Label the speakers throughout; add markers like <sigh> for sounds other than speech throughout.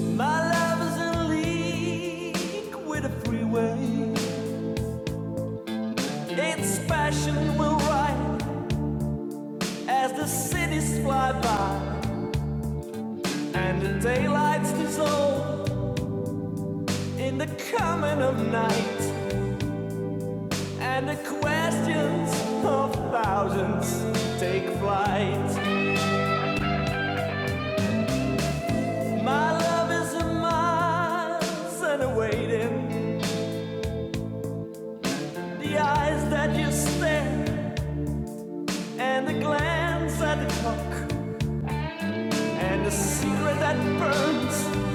Speaker 1: My love is in league with the freeway. Its passion will ride as the cities fly by, and the daylights dissolve in the coming of night, and the questions of thousands take flight. My love is a miles and awaiting the eyes that you stare and a glance at the clock, and a secret that burns,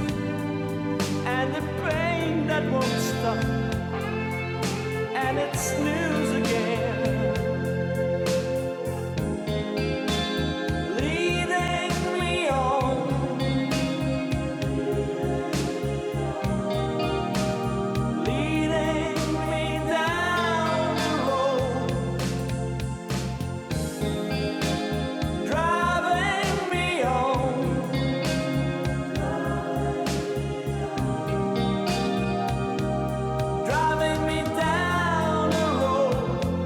Speaker 1: and a pain that won't stop, and it's news again. Leading me on, leading me down the road, driving me on, driving me down the road.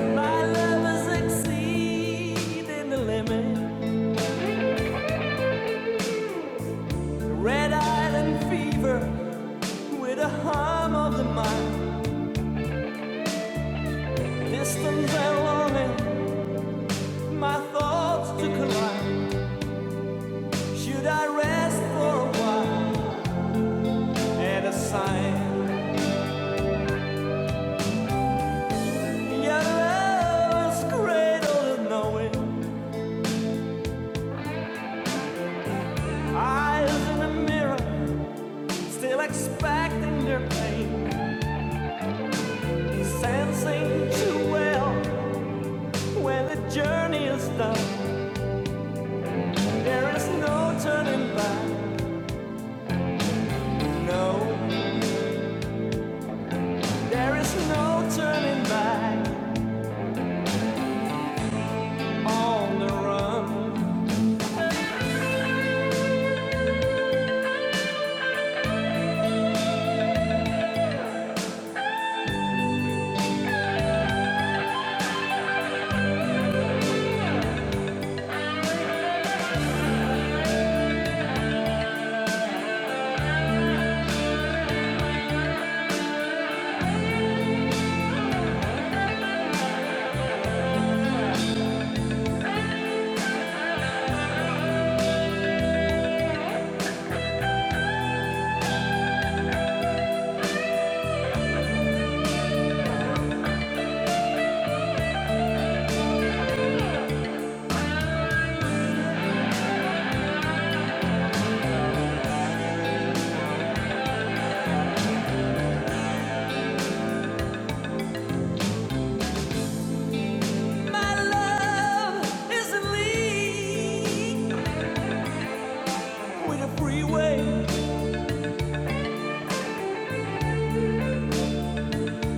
Speaker 1: My love is exceeding the limit. Red island fever with a hum of the mind. distance and longing, my thoughts to collide. Should I rest for a while at a sign? Your love is cradled in knowing. Eyes in the mirror, still expecting their pain. Sensing too well when the journey is done. There is no turning back. No, there is no turning back.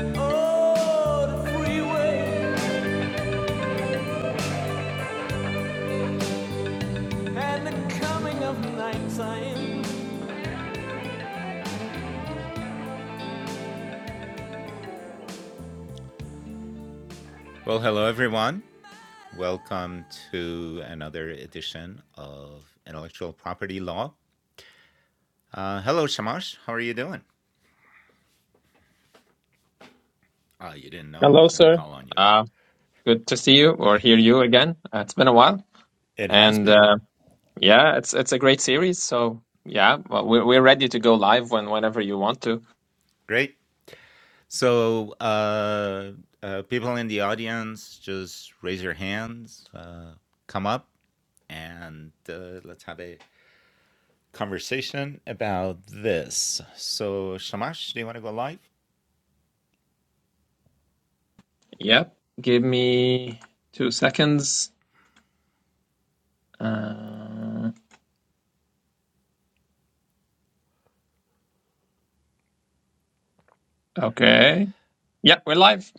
Speaker 1: Oh,
Speaker 2: Hello, sir. Uh, good to see you or hear you again. Uh, it's been a while, and uh, yeah, it's it's a great series. So yeah, well, we're we're ready to go live when whenever you want to. Yep. Give me two seconds. Uh, okay. Yeah, we're live.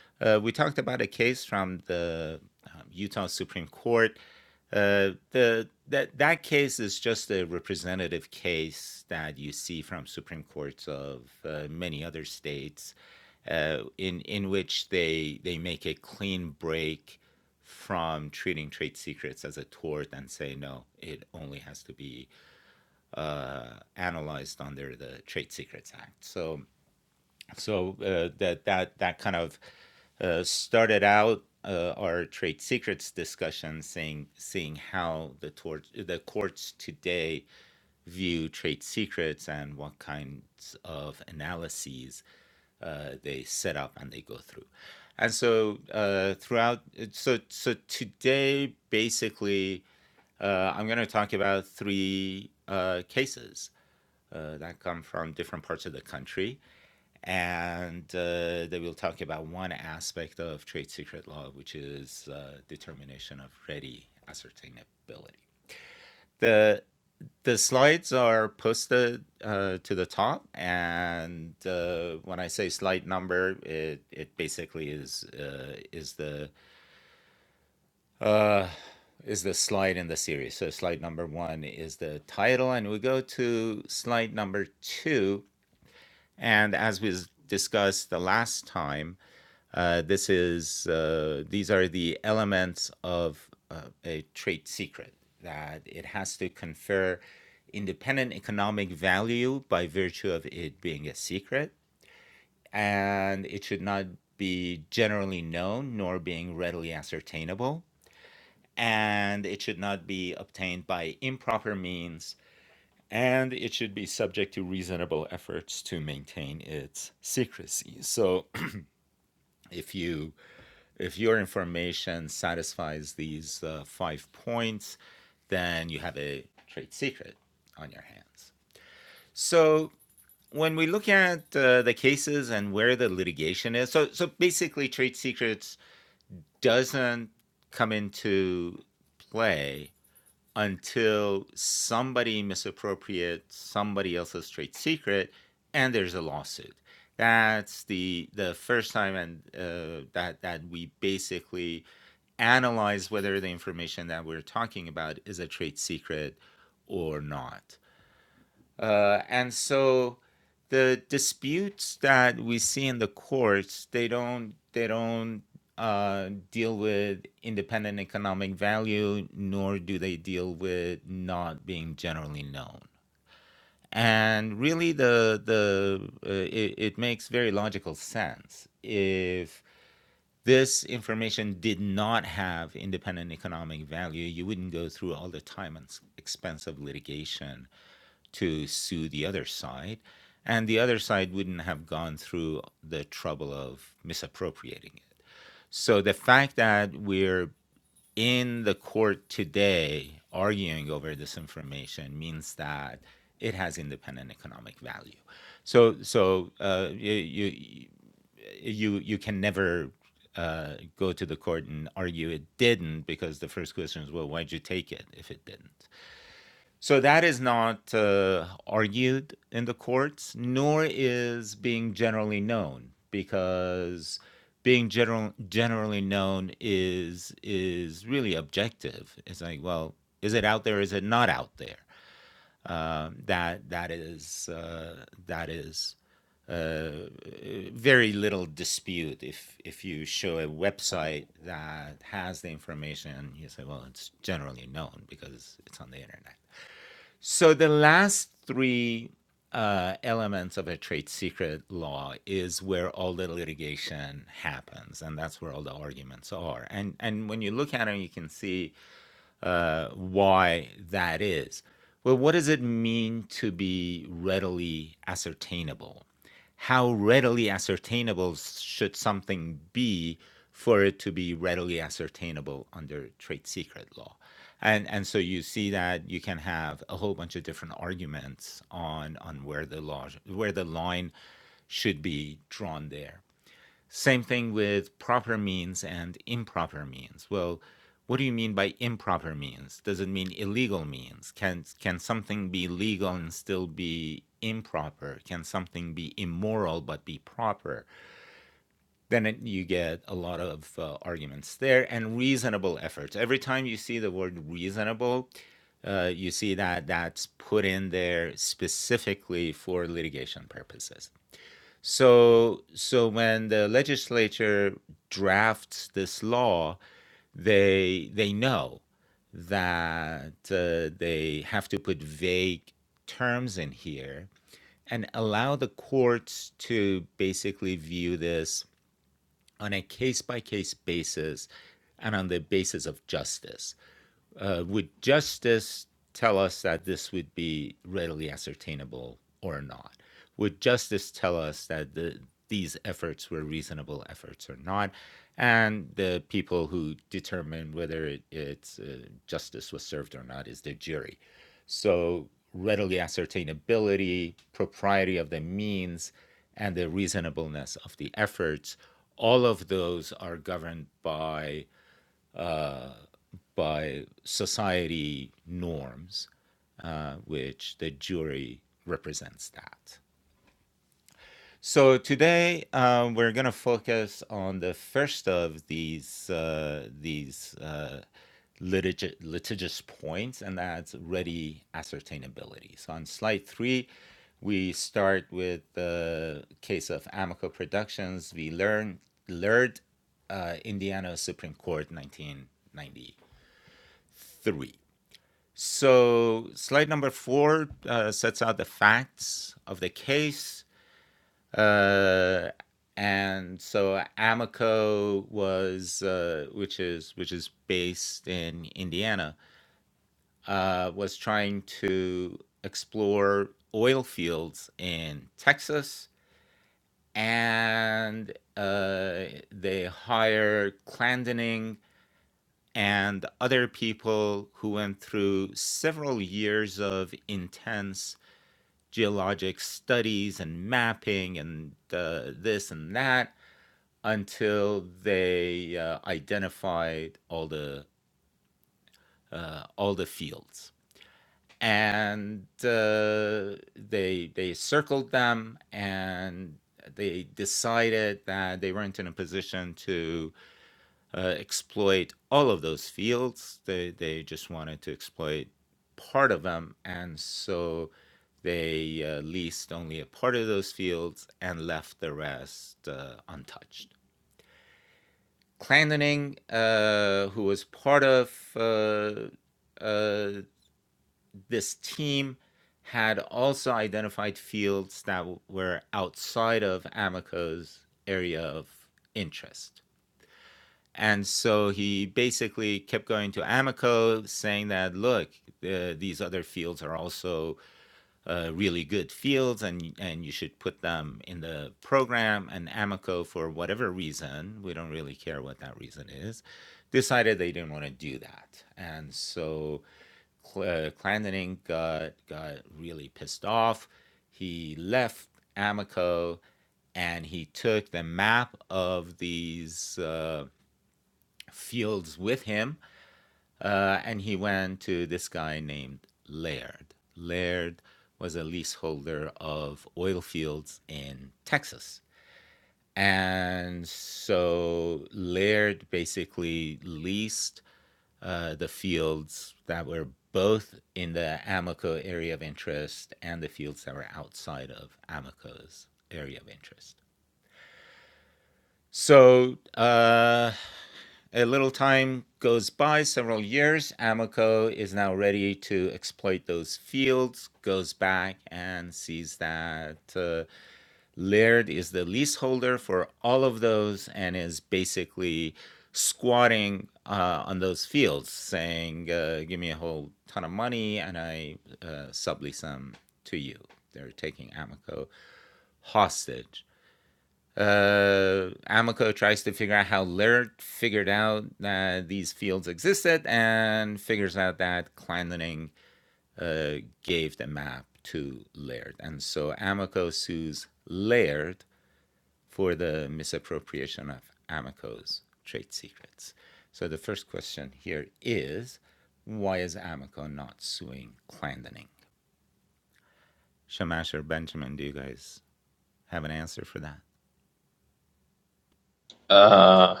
Speaker 2: Uh,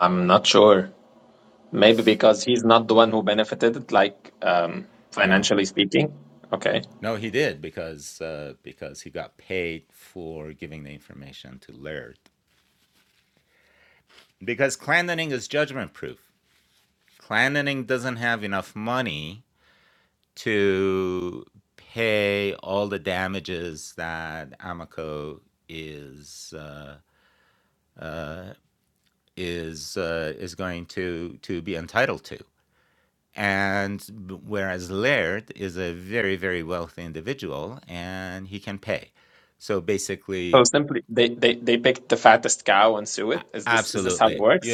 Speaker 2: I'm not sure. Maybe because he's not the one who benefited, like um, financially speaking. Okay. So simply, they, they they picked the fattest cow and sue it. Is this is this how it works?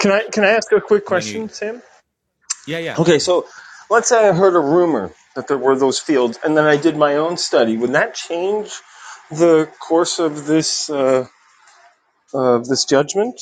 Speaker 3: Can I can I ask a quick question, Sam? Okay, so let's say I heard a rumor that there were those fields, and then I did my own study. Would that change the course of this uh, of this judgment?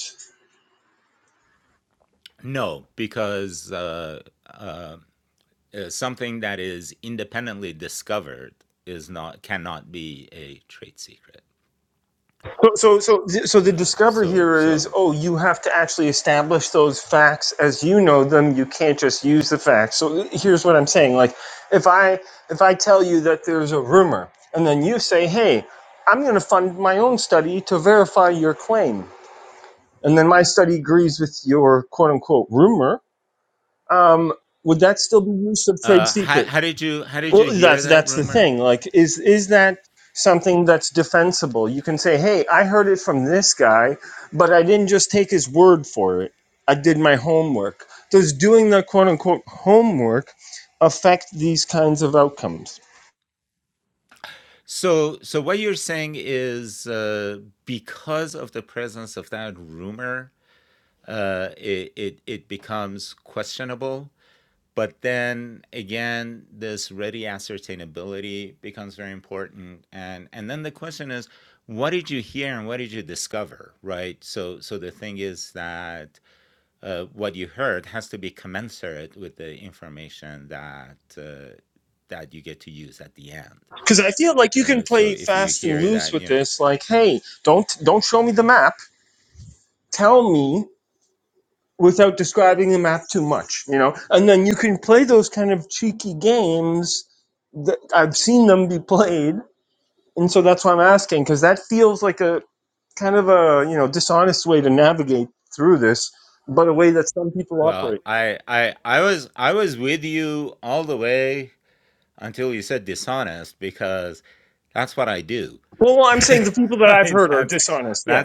Speaker 3: So, so, so, so the discovery here is: oh, you have to actually establish those facts as you know them. You can't just use the facts. So, here's what I'm saying: like, if I if I tell you that there's a rumor, and then you say, "Hey, I'm going to fund my own study to verify your claim," and then my study agrees with your quote unquote rumor, um, would that still be use of trade secret? Well, that's that's the thing. Like, is is that something that's defensible? You can say, "Hey, I heard it from this guy, but I didn't just take his word for it. I did my homework." Does doing the quote unquote homework affect these kinds of outcomes? Because I feel like you can play fast and loose with this. Like, hey, don't don't show me the map. Tell me without describing the map too much, you know. And then you can play those kind of cheeky games that I've seen them be played, and so that's why I'm asking because that feels like a kind of a you know dishonest way to navigate through this, but a way that some people operate. Well, well, I'm saying the people that I've heard are dishonest. Yeah.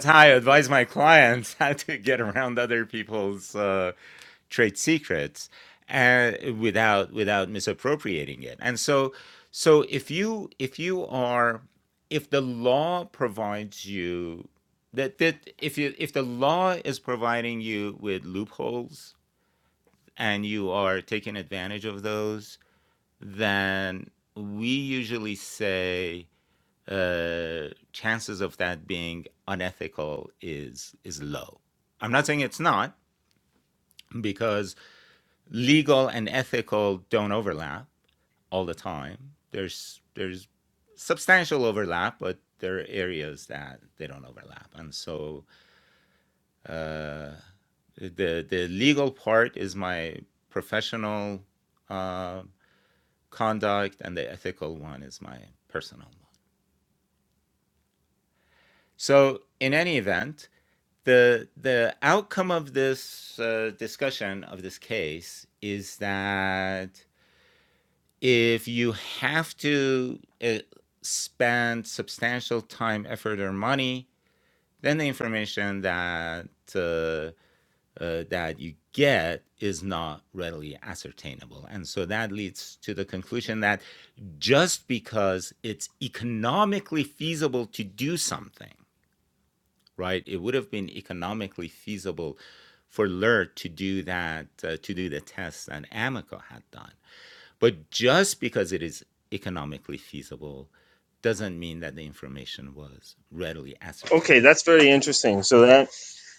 Speaker 3: Okay, that's very interesting. So that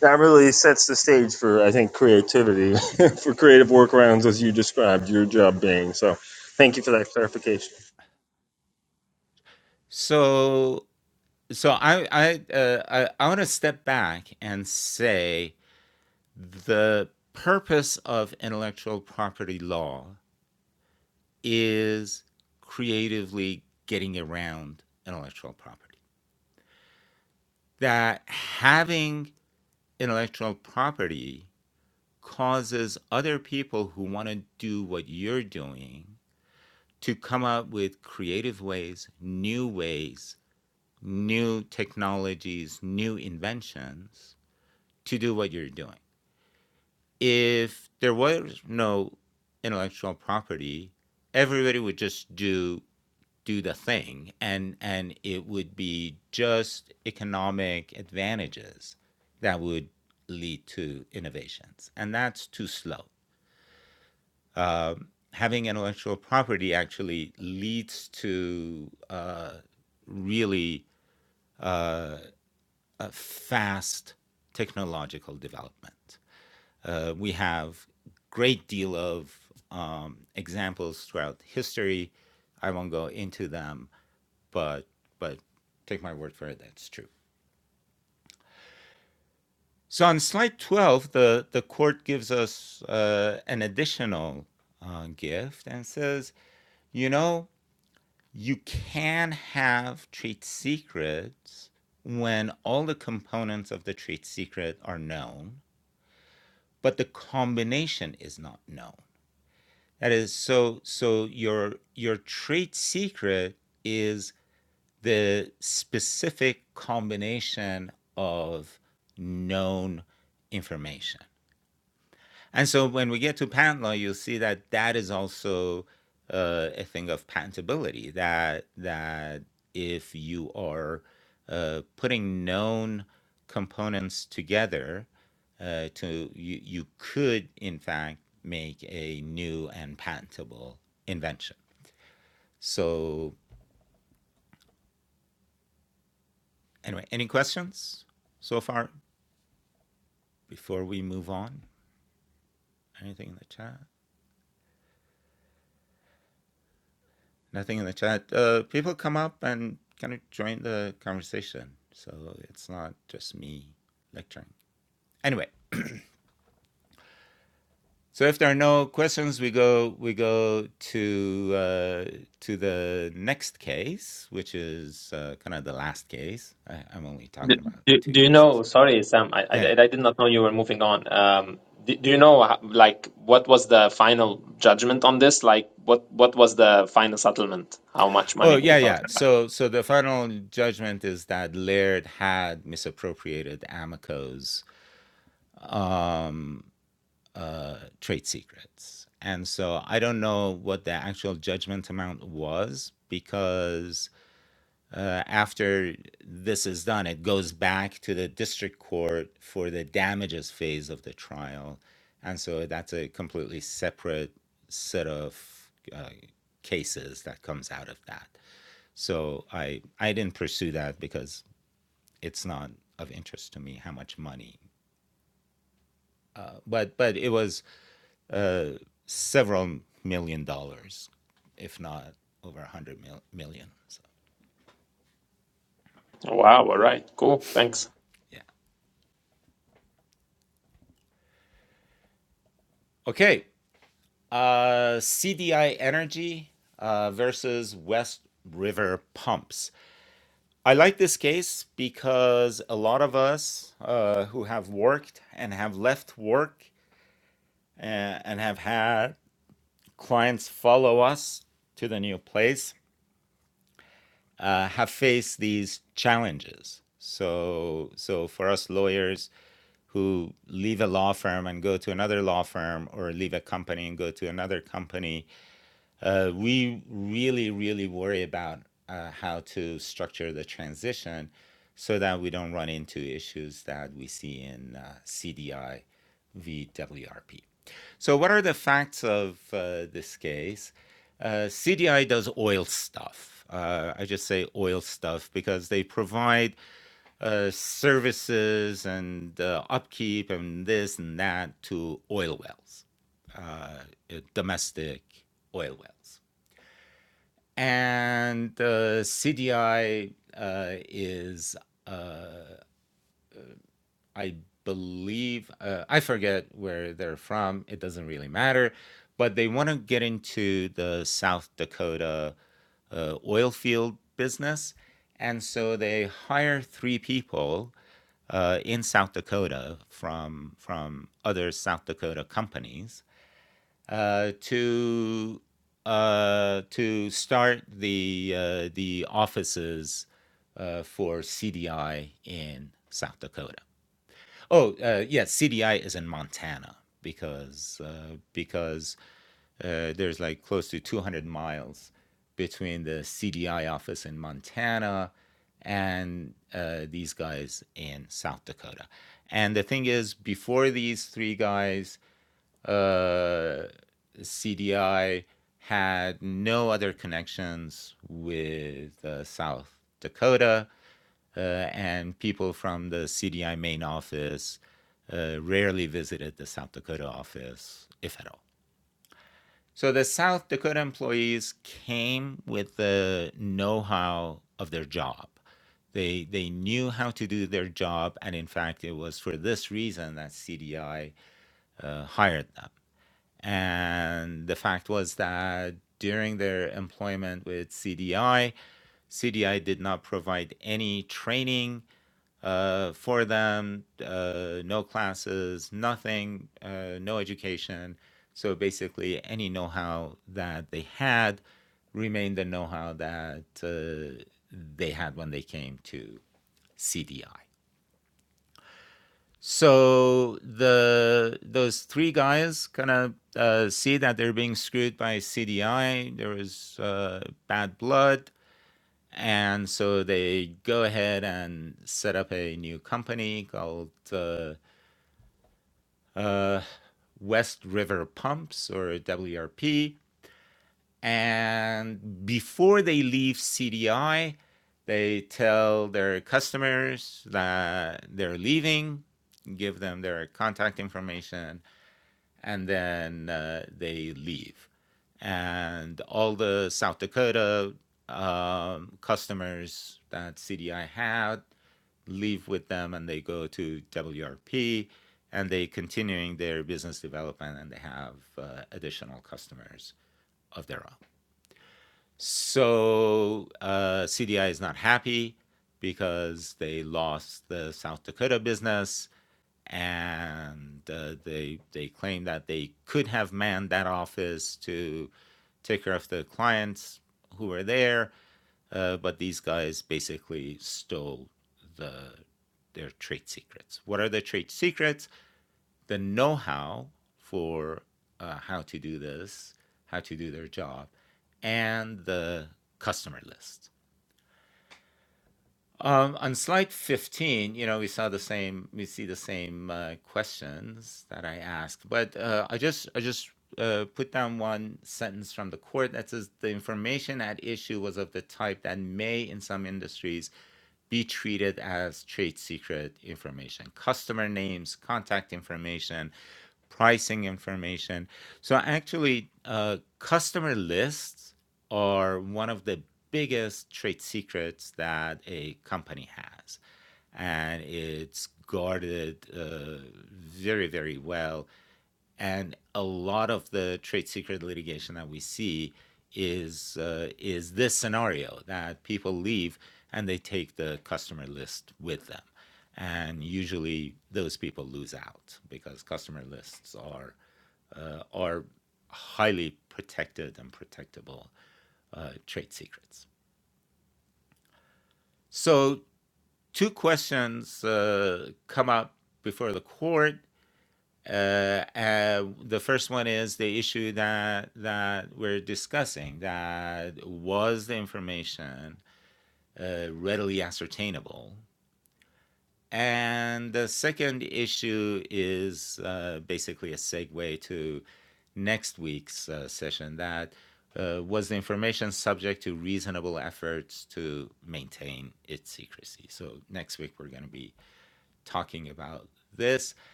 Speaker 3: that really sets the stage for I think creativity <laughs> for creative workarounds as you described your job being. So, thank you for that clarification.
Speaker 2: Do, do, do you know? Sorry, Sam, I, I I did not know you were moving on. Um, do, do you know ho- like what was the final judgment on this? Like what what was the final settlement? How much money are we talking about? Wow. All right. Cool. Thanks.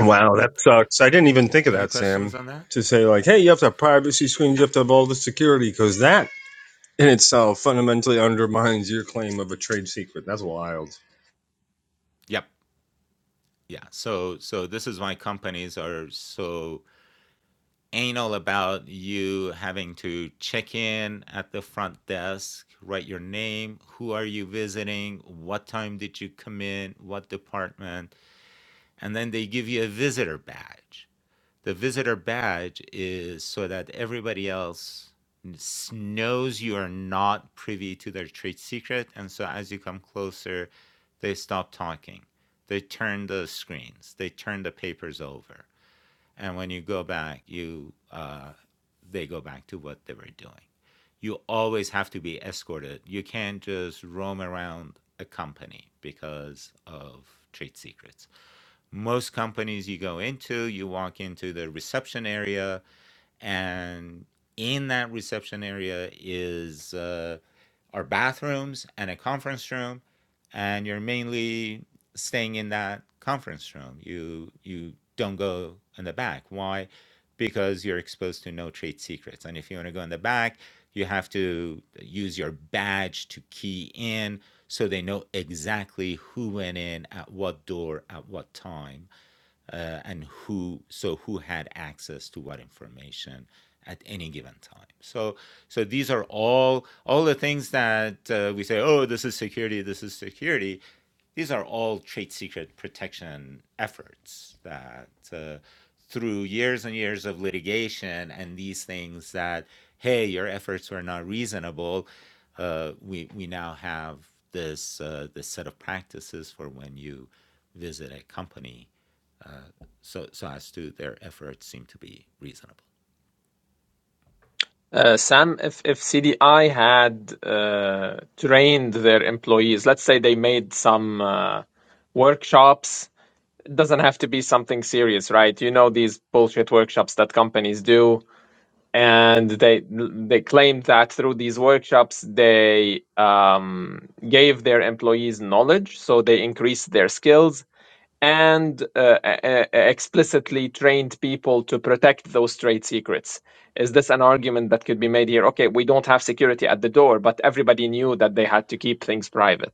Speaker 3: Wow, that sucks. I didn't even think of that, Sam. To say like, hey, you have to have privacy screens, you have to have all the security, because that in itself fundamentally undermines your claim of a trade secret. That's wild.
Speaker 2: Uh, Sam, if if CDI had uh, trained their employees, let's say they made some uh, workshops. It doesn't have to be something serious, right? You know these bullshit workshops that companies do and they they claimed that through these workshops they um, gave their employees knowledge, so they increased their skills and uh, uh, explicitly trained people to protect those trade secrets. Is this an argument that could be made here? Okay, we don't have security at the door, but everybody knew that they had to keep things private.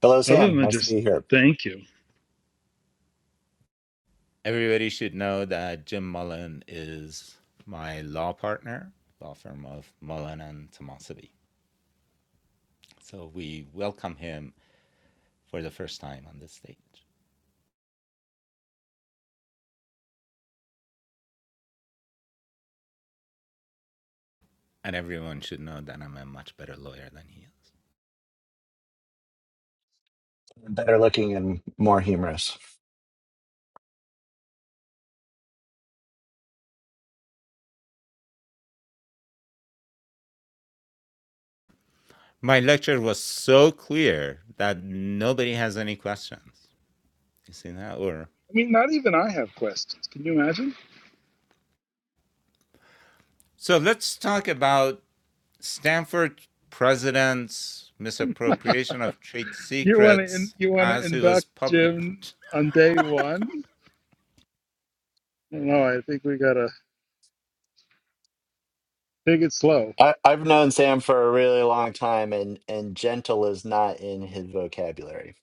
Speaker 4: Hello,
Speaker 5: other
Speaker 4: Sam.
Speaker 5: than
Speaker 4: Nice to
Speaker 5: just
Speaker 4: be here.
Speaker 5: thank you.
Speaker 4: Better looking and more humorous.
Speaker 5: I mean, not even I have questions. Can you imagine? You want to in, you want to induct Jim on day one? I don't know. I think we gotta take it slow.
Speaker 4: I, I've known Sam for a really long time, and, and gentle is not in his vocabulary.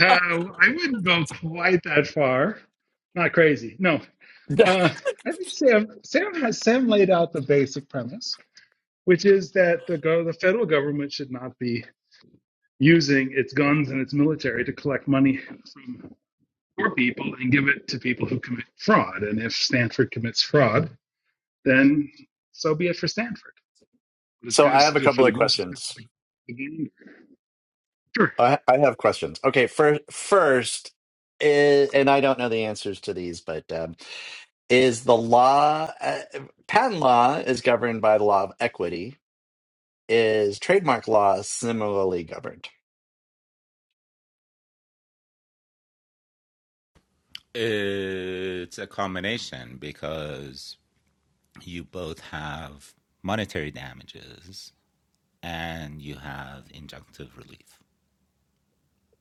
Speaker 5: Uh, I wouldn't go quite that far. Not crazy. No. Uh, I think Sam Sam has Sam laid out the basic premise, which is that the go- the federal government should not be using its guns and its military to collect money from. poor people and give it to people who commit fraud. And if Stanford commits fraud, then so be it for Stanford. But it's
Speaker 4: So
Speaker 5: good,
Speaker 4: I
Speaker 5: it's
Speaker 4: have a
Speaker 5: good for
Speaker 4: couple
Speaker 5: the
Speaker 4: of
Speaker 5: goose, it's good for
Speaker 4: questions.
Speaker 5: the, gander. Sure.
Speaker 4: I, I have questions. Okay, first, first, is, and I don't know the answers to these, but um, is the law uh, patent law is governed by the law of equity? Is trademark law similarly governed?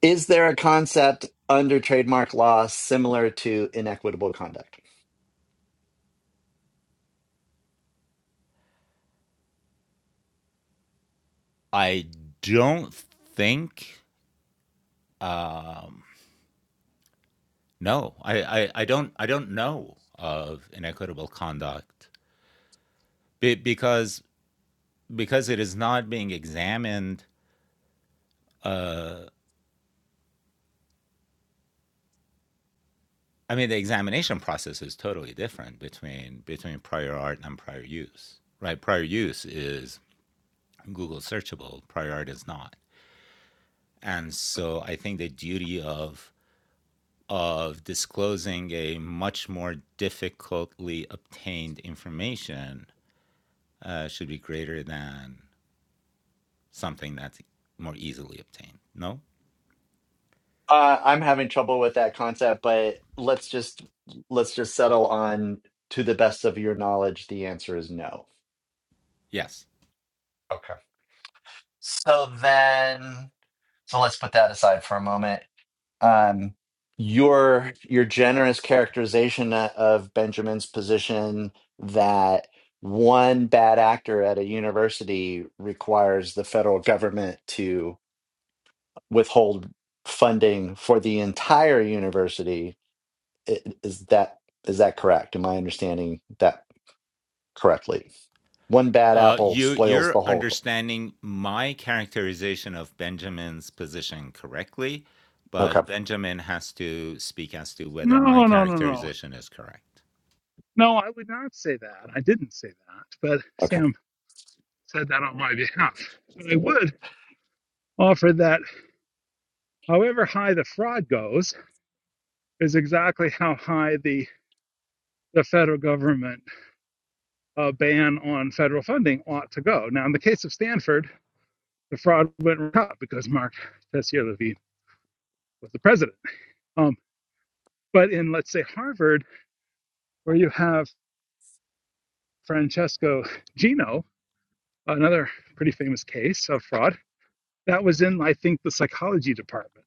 Speaker 4: Is there a concept under trademark law similar to inequitable conduct? Uh, I'm having trouble with that concept, but let's just let's just settle on to the best of your knowledge, the answer is no. Okay. So then, so let's put that aside for a moment. Um, your your generous characterization of Benjamin's position that one bad actor at a university requires the federal government to withhold funding for the entire university I- Is that is that correct? Am I understanding that correctly? One bad apple spoils the whole. Okay,
Speaker 5: No, no, no, no. No, I would not say that. I didn't say that. But
Speaker 4: okay.
Speaker 5: Sam said that on my behalf. But I would offer that however high the fraud goes is exactly how high the the federal government uh, ban on federal funding ought to go. Now, in the case of Stanford, the fraud went right up because Mark Tessier Levine was the president. Um, but in, let's say, Harvard, where you have Francesco Gino, another pretty famous case of fraud, that was in, I think, the psychology department.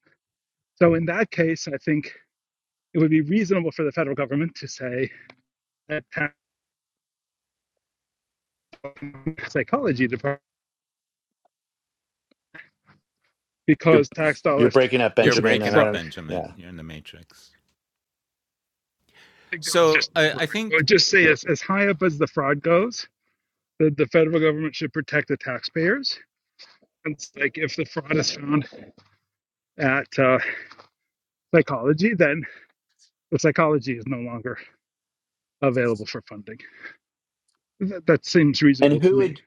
Speaker 5: So in that case, I think it would be reasonable for the federal government to say that tax psychology department
Speaker 4: You're
Speaker 5: because tax
Speaker 4: you're
Speaker 5: dollars
Speaker 4: breaking up,
Speaker 5: to
Speaker 4: Benjamin,
Speaker 5: support
Speaker 4: and I
Speaker 5: fraud.
Speaker 4: don't. Yeah.
Speaker 5: I think that was just temporary. I would just say as, as high up as the fraud goes, the, the federal government should protect the taxpayers. It's like if the fraud is found at uh, psychology, then the psychology is no longer available for funding. That, that seems reasonable
Speaker 4: And
Speaker 5: to
Speaker 4: who
Speaker 5: me.
Speaker 4: ad,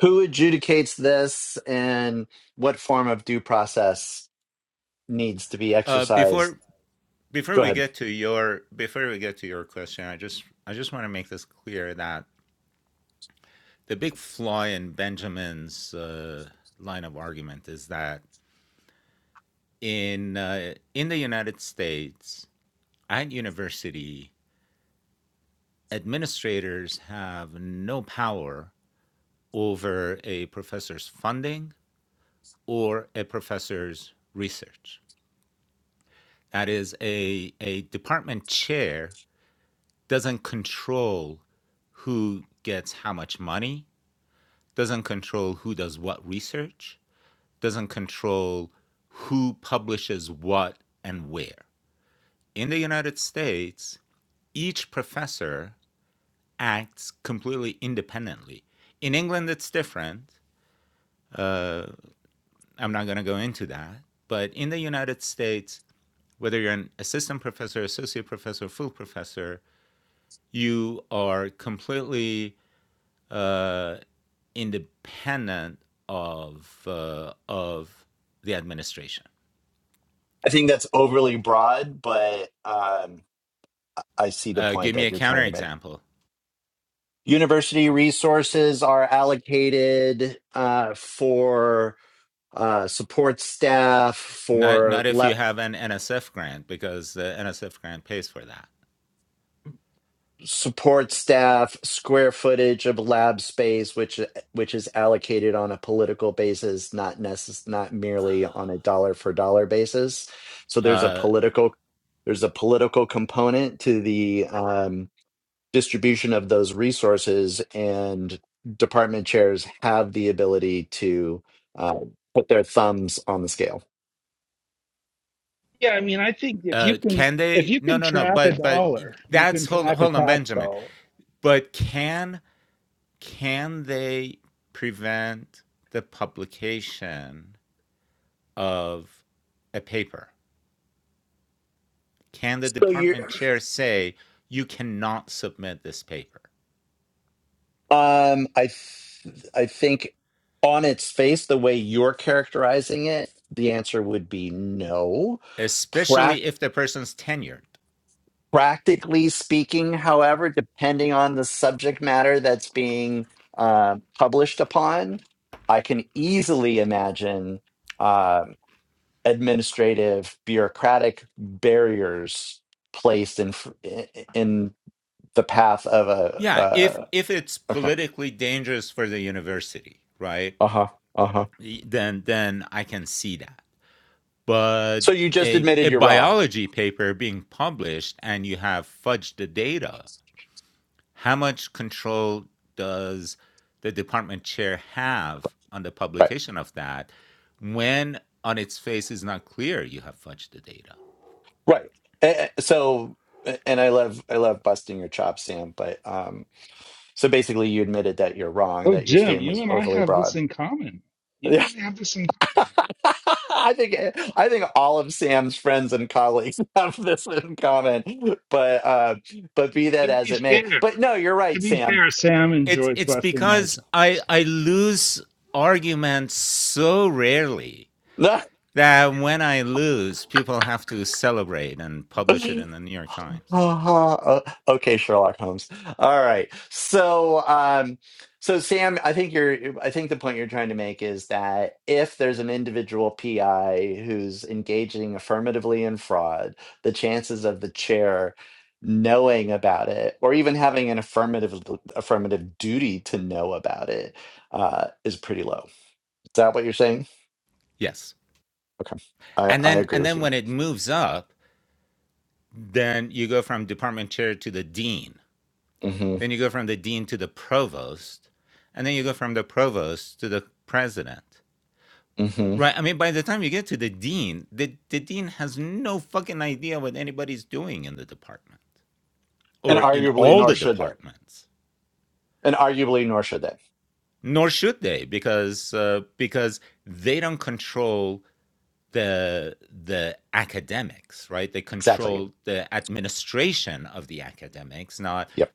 Speaker 4: who adjudicates this, and what form of due process needs to be exercised? Go ahead. I think that's overly broad, but um, I I see the point that you're trying to make. University resources are allocated uh, for uh, support staff for lab support staff square footage of lab space which uh, which is allocated on a political basis not necess- not merely on a dollar for dollar basis so there's a political there's a political component to the um, distribution of those resources and department chairs have the ability to uh, put their thumbs on the scale
Speaker 5: Yeah, I mean, I think if you can if you can track a dollar, you can track a tax dollar.
Speaker 4: so you're Um, I th- I think on its face, the way you're characterizing it, the answer would be no. Prac- practically speaking, however, depending on the subject matter that's being uh, published upon, I can easily imagine um administrative, bureaucratic barriers placed in fr- i- i- in the path of a. Uh, okay. Uh huh. Uh huh. So you just admitted you're wrong. Right. Right. Eh, eh, So, eh, and I love I love busting your chops, Sam. But um, so basically, you admitted that you're wrong,
Speaker 5: Oh,
Speaker 4: that your
Speaker 5: Jim,
Speaker 4: statement was
Speaker 5: you and I
Speaker 4: overly
Speaker 5: have this
Speaker 4: broad.
Speaker 5: in common. You
Speaker 4: Yeah,
Speaker 5: and I have this in common.
Speaker 4: <laughs> I think eh, I think all of Sam's friends and colleagues <laughs> have this in common. But uh, but be that
Speaker 5: To
Speaker 4: as
Speaker 5: be
Speaker 4: it may,
Speaker 5: fair,
Speaker 4: but no, you're
Speaker 5: to
Speaker 4: right,
Speaker 5: be
Speaker 4: Sam.
Speaker 5: fair, Sam enjoys busting my chops.
Speaker 4: <laughs> Uh-huh. uh, okay, Sherlock Holmes. All right. So, um, so Sam, I think you're. I think the point you're trying to make is that if there's an individual PI who's engaging affirmatively in fraud, the chances of the chair knowing about it, or even having an affirmative affirmative duty to know about it, uh, is pretty low. Is that what you're saying? Okay, I, I agree with you. hmm hmm And arguably, nor should they. And arguably, nor should they. Exactly. Yep.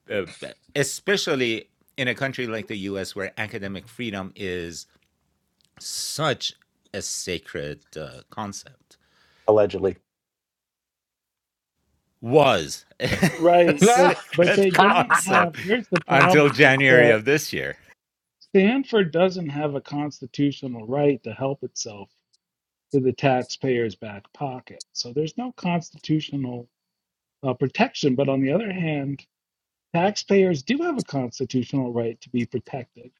Speaker 4: Allegedly. <laughs>
Speaker 5: Right,
Speaker 4: that
Speaker 5: but but they don't have. Here's the problem: is that Stanford doesn't have a constitutional right to help itself to the taxpayer's back pocket. So there's no constitutional uh, protection. But on the other hand, taxpayers do have a constitutional right to be protected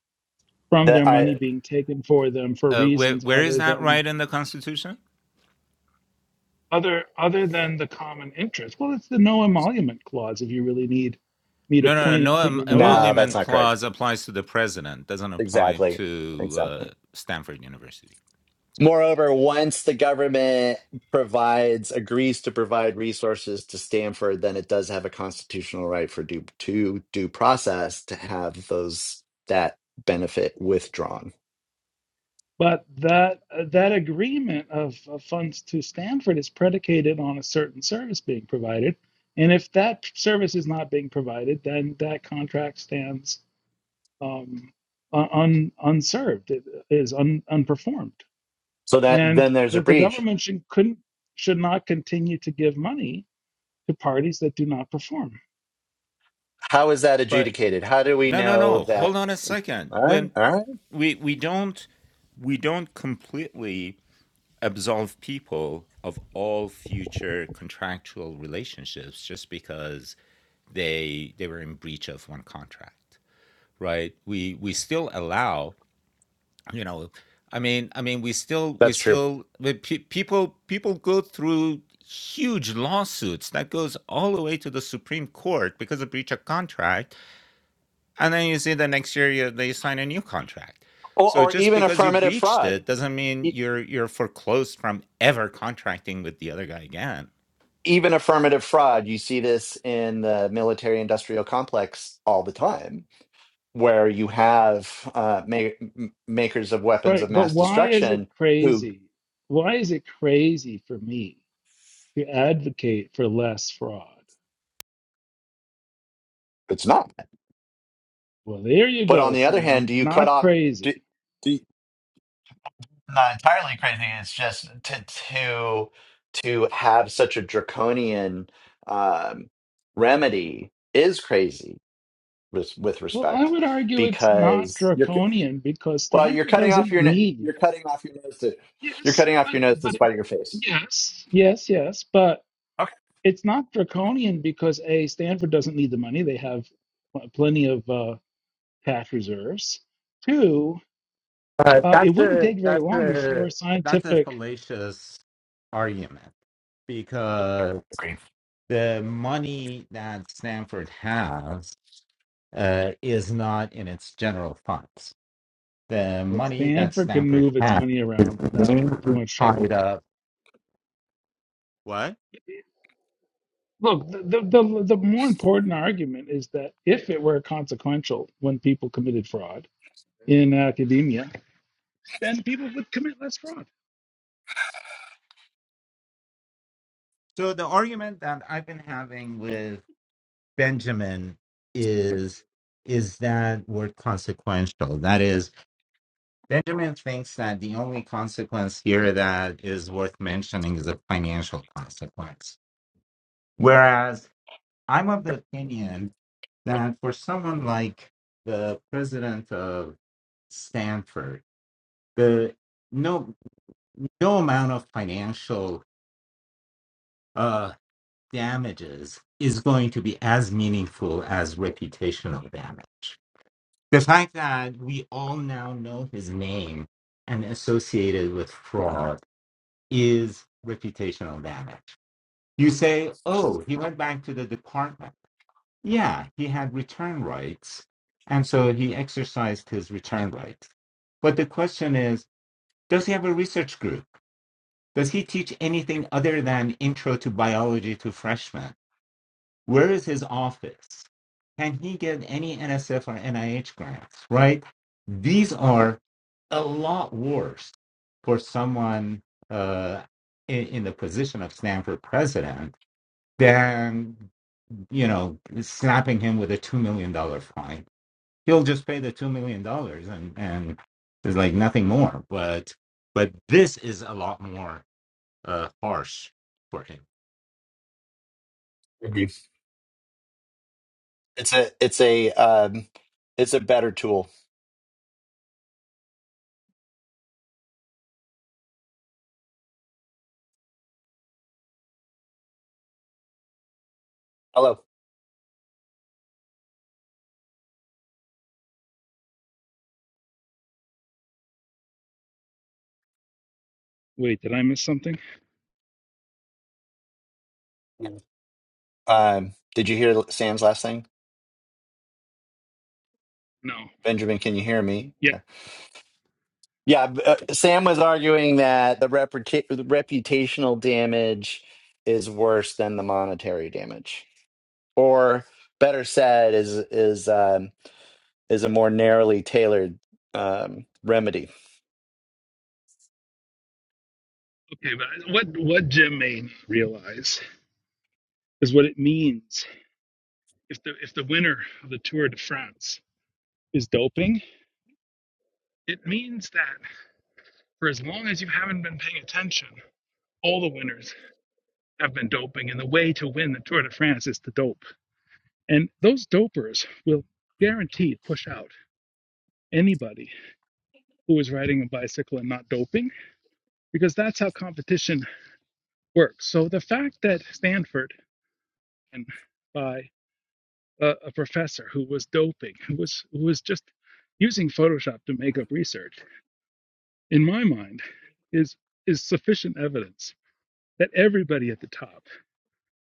Speaker 5: from their money
Speaker 4: I
Speaker 5: being taken for them for reasons other than other other than the common interest. Well, it's the no emolument clause if you really need me to point and put your nose
Speaker 4: no,
Speaker 5: in
Speaker 4: that's
Speaker 5: it
Speaker 4: not correct. Exactly. Exactly. Moreover, once the government provides agrees to provide resources to Stanford, then it does have a constitutional right for due to due process to have those that benefit withdrawn.
Speaker 5: But that that agreement of, of funds to Stanford is predicated on a certain service being provided, and if that service is not being provided, then that contract stands um, un, unserved. It is un, unperformed,
Speaker 4: So that
Speaker 5: and
Speaker 4: then there's a
Speaker 5: the, the
Speaker 4: breach.
Speaker 5: government should, couldn't should not continue to give money to parties that do not perform.
Speaker 4: How is that adjudicated? How do we know that? All right, all right, that's true. Or, or even affirmative fraud. E- even affirmative fraud, you see this in the military-industrial complex all the time, where you have uh, ma- m- makers of weapons of
Speaker 5: Right. But
Speaker 4: mass
Speaker 5: why is it
Speaker 4: destruction who
Speaker 5: crazy? Why is it crazy for me to advocate for less fraud?
Speaker 4: it's not.
Speaker 5: Well, there you
Speaker 4: But on
Speaker 5: go,
Speaker 4: the other hand,
Speaker 5: Sam.
Speaker 4: do you cut
Speaker 5: Not
Speaker 4: off?
Speaker 5: crazy.
Speaker 4: Do not entirely crazy. It's just to to to have such a draconian um, remedy is crazy with, with
Speaker 5: Well, I
Speaker 4: respect
Speaker 5: would argue it's not
Speaker 4: because you're cu-
Speaker 5: draconian because
Speaker 4: well you're
Speaker 5: Stanford
Speaker 4: cutting off
Speaker 5: doesn't
Speaker 4: your n-
Speaker 5: need
Speaker 4: you're cutting off your nose to you're
Speaker 5: Yes,
Speaker 4: cutting off
Speaker 5: but
Speaker 4: your nose to
Speaker 5: but it,
Speaker 4: spite your face.
Speaker 5: yes, yes, yes, but
Speaker 4: Okay,
Speaker 5: it's not draconian because A, Stanford doesn't need the money. They have pl- plenty of uh, cash reserves. Two, uh, it wouldn't take very long before scientific
Speaker 4: agree,
Speaker 5: well, Stanford can move its money around without too much trouble. Look, the, the the the more important argument is that if it were consequential when people committed fraud in academia, then people would commit less fraud.
Speaker 1: Stanford. The no no amount of financial uh damages is going to be as meaningful as reputational damage. The fact that we all now know his name and associated with fraud is reputational damage. You say, oh, he went back to the department. Yeah, he had return rights. And so he exercised his return rights. But the question is, does he have a research group? Does he teach anything other than intro to biology to freshmen? Where is his office? Can he get any NSF or NIH grants, right? These are a lot worse for someone uh, in, in the position of Stanford president than you know slapping him with a two million dollar fine. He'll just pay the two million dollars and and there's like nothing more. But but this is a lot more uh, harsh for him.
Speaker 4: agree. It's a it's a um, it's a better tool. Hello,
Speaker 5: Wait, did I miss something?
Speaker 4: um, did you hear Sam's last thing,
Speaker 5: No.
Speaker 4: Benjamin? Can you hear me? Yeah.
Speaker 5: Yeah,
Speaker 4: Yeah, b- uh, Sam was arguing that the reputa- the reputational damage is worse than the monetary damage, or better said, is is um, is a more narrowly tailored um, remedy.
Speaker 5: Okay, but what what Jim made me realize is what it means if the if the winner of the Tour de France is doping. It means that for as long as you haven't been paying attention, all the winners have been doping, and the way to win the Tour de France is to dope. And those dopers will guaranteed push out anybody who is riding a bicycle and not doping, because that's how competition works. So the fact that Stanford and by a, a professor who was doping, who was who was just using Photoshop to make up research, in my mind, is is sufficient evidence that everybody at the top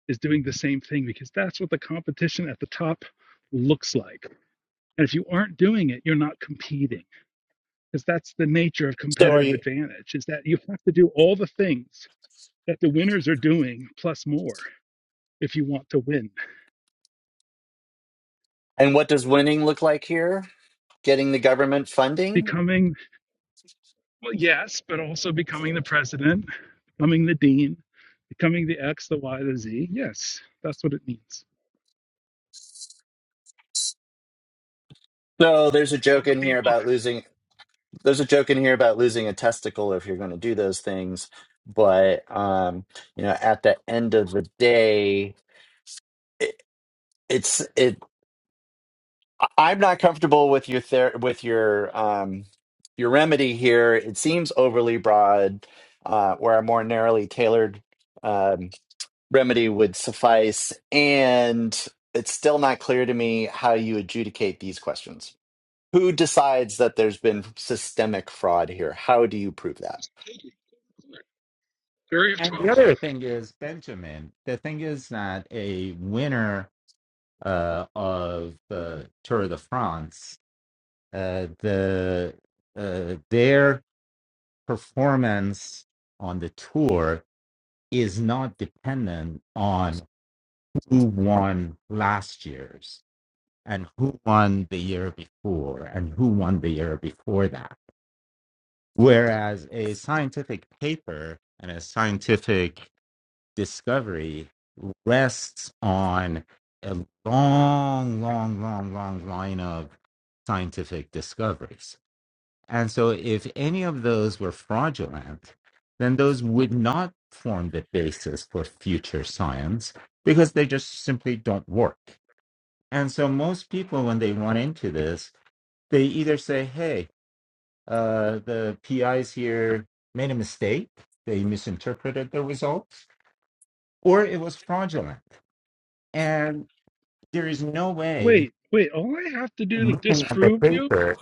Speaker 5: is doing the same thing because that's what the competition at the top looks like. And if you aren't doing it, you're not competing because that's the nature of
Speaker 4: So, are
Speaker 5: competitive
Speaker 4: you?
Speaker 5: advantage is that you have to do all the things that the winners are doing plus more if you want to win.
Speaker 4: And what does winning look like here? Getting the government funding.
Speaker 5: Becoming Well, yes, but also becoming the president, becoming the dean, becoming the X, the Y, the Z. Yes, that's what it means.
Speaker 4: So there's a
Speaker 5: All
Speaker 4: joke
Speaker 5: the
Speaker 4: in here
Speaker 5: people.
Speaker 4: about losing. There's a joke in here about losing a testicle if you're going to do those things, but um, you know, at the end of the day, it, it's it. I- I'm not comfortable with your ther- with your um, your remedy here. It seems overly broad, uh, where a more narrowly tailored um, remedy would suffice, and it's still not clear to me how you adjudicate these questions. Who decides that there's been systemic fraud here? How do you prove that?
Speaker 5: Jury of
Speaker 1: And
Speaker 5: 12.
Speaker 1: the other thing is Benjamin. The thing is that a winner uh, of the Tour de France, uh, the uh, their performance on the tour is not dependent on who won last year's and who won the year before and who won the year before that. Whereas a scientific paper and a scientific discovery rests on a long, long, long, long line of scientific discoveries. And so, if any of those were fraudulent, then those would not form the basis for future science because they just simply don't work. And so, most people, when they run into this, they either say, hey, uh, the PIs here made a mistake, they misinterpreted the results, or it was fraudulent And there is no way
Speaker 5: Wait, wait. All I have to do to
Speaker 1: looking at the
Speaker 5: disprove you
Speaker 1: paper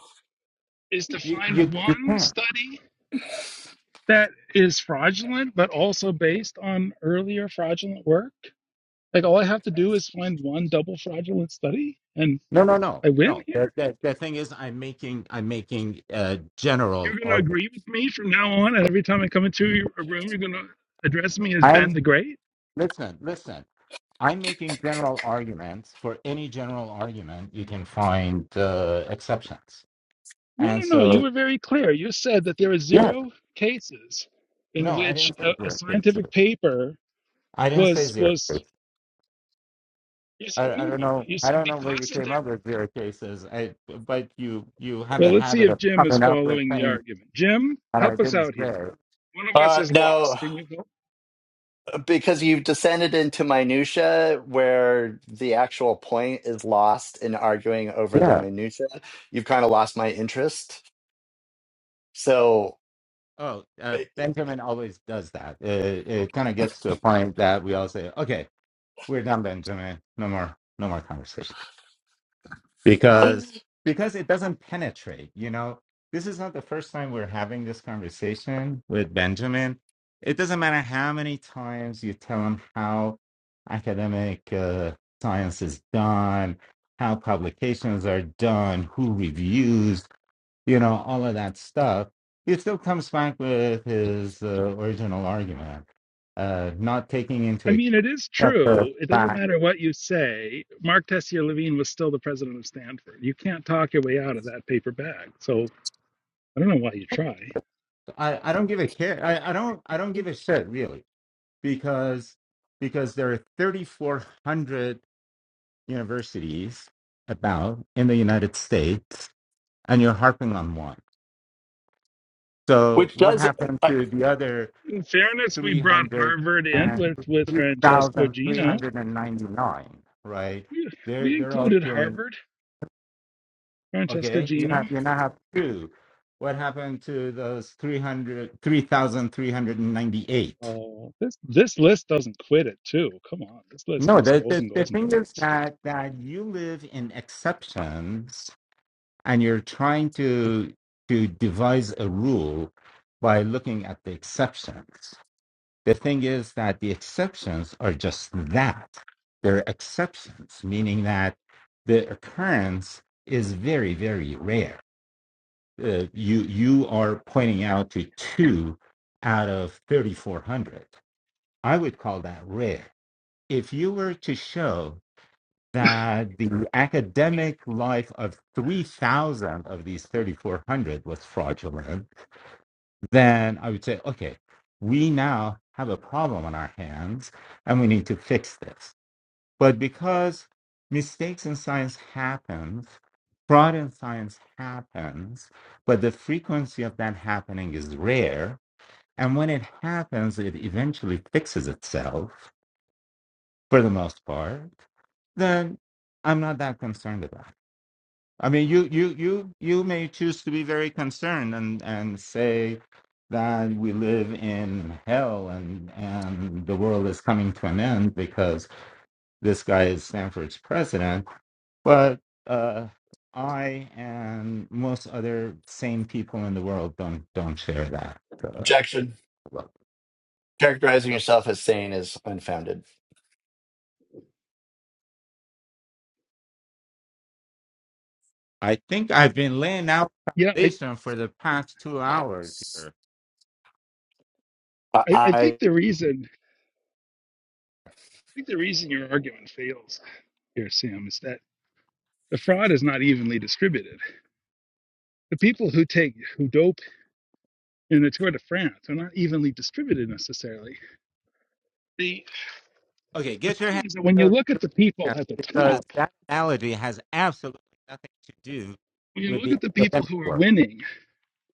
Speaker 5: is to
Speaker 1: you you,
Speaker 5: find
Speaker 1: you
Speaker 5: one
Speaker 1: can't.
Speaker 5: study that is fraudulent, but also based on earlier fraudulent work. Like, all I have to do is find one double fraudulent study, and
Speaker 1: No, no, no,
Speaker 5: I win
Speaker 1: no.
Speaker 5: here?
Speaker 1: The, the, the thing is, I'm making I'm making a
Speaker 5: You're
Speaker 1: general
Speaker 5: going to
Speaker 1: argument.
Speaker 5: agree with me from now on. And every time I come into your- a room, you're going to address me as
Speaker 1: I'm
Speaker 5: Ben the Great.
Speaker 1: listen, listen. I'm making general arguments. For any general argument, you can find uh, exceptions.
Speaker 5: No, no,
Speaker 1: And
Speaker 5: no. You
Speaker 1: so,
Speaker 5: were very clear. You said that there are
Speaker 1: yeah,
Speaker 5: zero cases in
Speaker 1: no, I
Speaker 5: which
Speaker 1: didn't say
Speaker 5: a, a
Speaker 1: zero cases.
Speaker 5: scientific paper
Speaker 1: I didn't say
Speaker 5: was
Speaker 1: zero
Speaker 5: was.
Speaker 1: cases.
Speaker 5: You said
Speaker 1: I, I
Speaker 5: no.
Speaker 1: don't know.
Speaker 5: You
Speaker 1: I
Speaker 5: said
Speaker 1: don't know where you
Speaker 5: because of
Speaker 1: came up
Speaker 5: their.
Speaker 1: with zero cases. I, but you you have a
Speaker 5: Well, let's see
Speaker 1: habit
Speaker 5: if
Speaker 1: of
Speaker 5: Jim is
Speaker 1: coming up with
Speaker 5: following the
Speaker 1: things
Speaker 5: argument. Jim,
Speaker 1: that I
Speaker 5: help us
Speaker 1: didn't
Speaker 5: out
Speaker 1: say.
Speaker 5: here. One of us
Speaker 4: Uh,
Speaker 5: is lost.
Speaker 4: no.
Speaker 5: Can you help?
Speaker 4: because you've descended into minutia where the actual point is lost in arguing over the
Speaker 1: Yeah.
Speaker 4: minutia you've kind of lost my interest so
Speaker 1: Oh, uh,
Speaker 4: eh,
Speaker 1: Benjamin always does that. It, it kind of gets to a point that we all say, "Okay, we're done, Benjamin. No more, no more conversation," because because it doesn't penetrate. You know, this is not the first time we're having this conversation with Benjamin. It doesn't matter how many times you tell him how academic uh, science is done, how publications are done, who reviews, you know, all of that stuff, he still comes back with his uh, original argument, uh, not taking
Speaker 5: I
Speaker 1: into
Speaker 5: mean, it is
Speaker 1: account the
Speaker 5: true. It doesn't
Speaker 1: fact.
Speaker 5: matter what you say. Mark Tessier Levine was still the president of Stanford. You can't talk your way out of that paper bag. So I don't know why you try.
Speaker 1: I, I don't give a care. I, I don't I don't give a shit really because because there are 3,400 universities about in the United States, and you're harping on one. So
Speaker 4: which
Speaker 1: what
Speaker 4: does
Speaker 1: happened
Speaker 4: uh,
Speaker 1: to the other
Speaker 5: In fairness, we brought
Speaker 1: 300
Speaker 5: Harvard in
Speaker 1: and
Speaker 5: with with Francesco Gino.
Speaker 1: 3,399? Right?
Speaker 5: We,
Speaker 1: They're
Speaker 5: we
Speaker 1: they're all
Speaker 5: included
Speaker 1: doing
Speaker 5: Harvard, Francesco
Speaker 1: Okay, you
Speaker 5: Gino.
Speaker 1: have you now have two. What happened to those three hundred, three thousand, three hundred and ninety-eight?
Speaker 5: Oh, this this list doesn't quit it too. Come on, this list
Speaker 1: No,
Speaker 5: just
Speaker 1: the,
Speaker 5: goes
Speaker 1: the,
Speaker 5: and
Speaker 1: the
Speaker 5: goes and
Speaker 1: thing is
Speaker 5: goes.
Speaker 1: that, that you live in exceptions and you're trying to to devise a rule by looking at the exceptions. The thing is that the exceptions are just that. They're exceptions, meaning that the occurrence is very, very rare uh, you you are pointing out to two out of 3400 i would call that rare if you were to show that the academic life of 3000 of these 3400 was fraudulent then i would say okay we now have a problem on our hands and we need to fix this but because mistakes in science happens, fraud in science happens, but the frequency of that happening is rare. And when it happens, it eventually fixes itself for the most part. Then I'm not that concerned about it. I mean, you you you you may choose to be very concerned and and say that we live in hell and and the world is coming to an end because this guy is Stanford's president But uh, I and most other sane people in the world don't don't share that. Uh,
Speaker 4: objection
Speaker 1: look,
Speaker 4: characterizing yourself as sane is unfounded
Speaker 1: I think I've been laying out
Speaker 5: Yeah, I,
Speaker 1: foundation for the past two hours here.
Speaker 5: I, I think
Speaker 4: i,
Speaker 5: the reason I think the reason your argument fails here, Sam, is that the fraud is not evenly distributed. The people who take who dope in the Tour de France are not evenly distributed necessarily. The
Speaker 1: Okay,
Speaker 5: the
Speaker 1: get your hand
Speaker 5: problem is that when
Speaker 1: out
Speaker 5: you
Speaker 1: of
Speaker 5: look at
Speaker 1: the
Speaker 5: the people
Speaker 1: hand
Speaker 5: at the
Speaker 1: because
Speaker 5: top
Speaker 1: that analogy has absolutely nothing to do
Speaker 5: When you
Speaker 1: with
Speaker 5: look
Speaker 1: the
Speaker 5: at the people
Speaker 1: academic
Speaker 5: who are
Speaker 1: world.
Speaker 5: winning,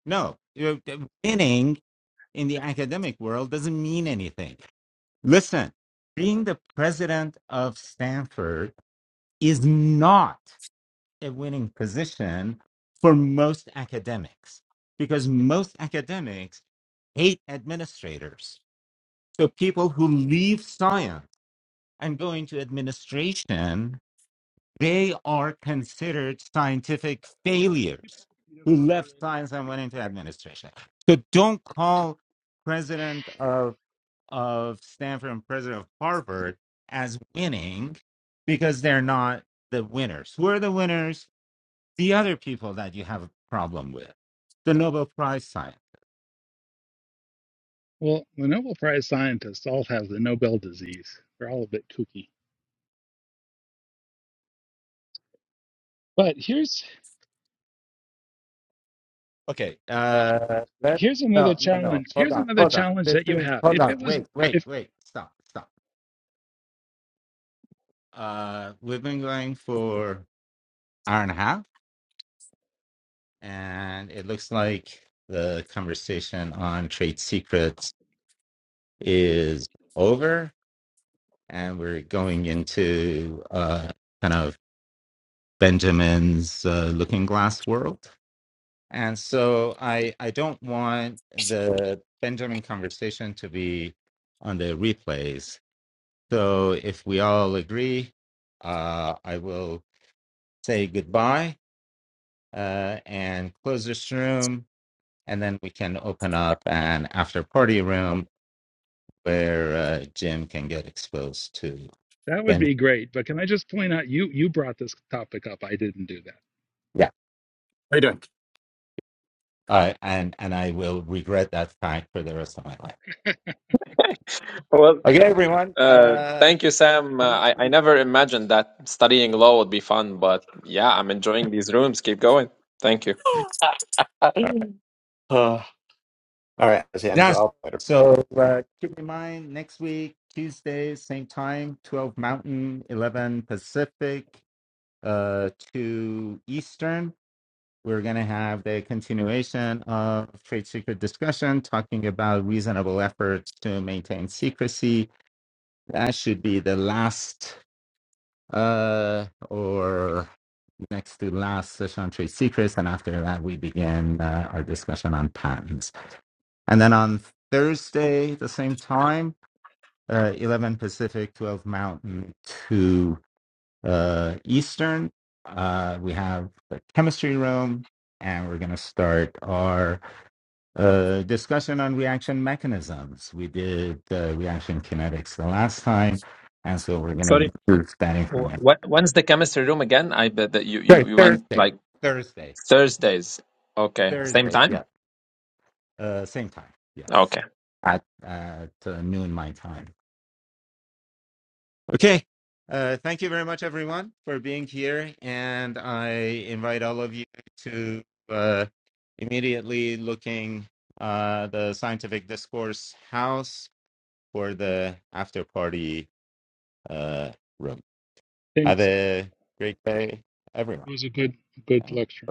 Speaker 1: No, you- the winning in the academic world doesn't mean anything. Listen, being the president of Stanford is not a winning position for most academics because most academics hate administrators. So people who leave science and go into administration, they are considered scientific failures who left science and went into administration. So don't call president of of Stanford and president of Harvard as winning because they're not the winners. Who are the winners? the other people that you have a problem with, the Nobel Prize science.
Speaker 5: well, the Nobel Prize scientists all have the Nobel disease. They're all a bit kooky. But here's
Speaker 1: Okay, uh, that,
Speaker 5: here's another
Speaker 1: no, no, no.
Speaker 5: challenge.
Speaker 1: Hold
Speaker 5: Here's
Speaker 1: on,
Speaker 5: another
Speaker 1: hold on.
Speaker 5: challenge
Speaker 1: This
Speaker 5: that you
Speaker 1: is
Speaker 5: have.
Speaker 1: hold
Speaker 5: If
Speaker 1: on.
Speaker 5: it was
Speaker 1: Wait, wait,
Speaker 5: if
Speaker 1: wait. Stop, stop. Uh, we've been going for hour and a half, and it looks like the conversation on trade secrets is over, and we're going into uh, kind of Benjamin's uh, looking glass world. And so I I don't want the Benjamin conversation to be on the replays. So if we all agree, uh, I will say goodbye uh, and close this room, and then we can open up an after party room where uh, Jim can get exposed to
Speaker 5: that would
Speaker 1: Ben.
Speaker 5: be great, but can I just point out you you brought this topic up. I didn't do that.
Speaker 1: Yeah, uh, and and I will regret that fact for the rest of my life.
Speaker 2: Well,
Speaker 1: Okay, everyone,
Speaker 2: uh,
Speaker 1: uh,
Speaker 2: thank you, Sam. Uh, I,
Speaker 1: come.
Speaker 2: I never imagined that studying law would be fun, but yeah, I'm enjoying these rooms. Keep going. Thank you.
Speaker 4: I uh, all right hands
Speaker 1: Yeah. So,
Speaker 4: up later.
Speaker 1: so uh, keep in mind next week, Tuesday, same time, 12 Mountain, 11 Pacific, uh, 2 Eastern. We're going to have the continuation of trade secret discussion, talking about reasonable efforts to maintain secrecy. That should be the last uh, or next to last session on trade secrets. And after that, we begin uh, our discussion on patents. And then on Thursday, the same time, uh, 11 Pacific, 12 Mountain, 2 uh, Eastern. Uh, we have the chemistry room, and we're going to start our uh, discussion on reaction mechanisms. We did uh, reaction kinetics the last time, and so we're going
Speaker 2: Sorry,
Speaker 1: to use that
Speaker 2: Wh-
Speaker 1: information.
Speaker 2: wh- When's the chemistry room again? I bet that you,
Speaker 1: Sorry,
Speaker 2: you, you went
Speaker 1: Thursday,
Speaker 2: like
Speaker 1: Thursday,
Speaker 2: Thursdays. Okay. Same
Speaker 1: Thursday, yeah,
Speaker 2: time?
Speaker 1: uh, same time, yes,
Speaker 2: Okay.
Speaker 1: at, at uh, noon my time. Okay. Uh, thank you very much, everyone, for being here. And I invite all of you to uh, immediately looking uh, the Scientific Discourse House for the after party uh, room. Have
Speaker 5: Thanks. It
Speaker 1: a great day, everyone.
Speaker 5: was a good good
Speaker 1: Um,
Speaker 5: lecture.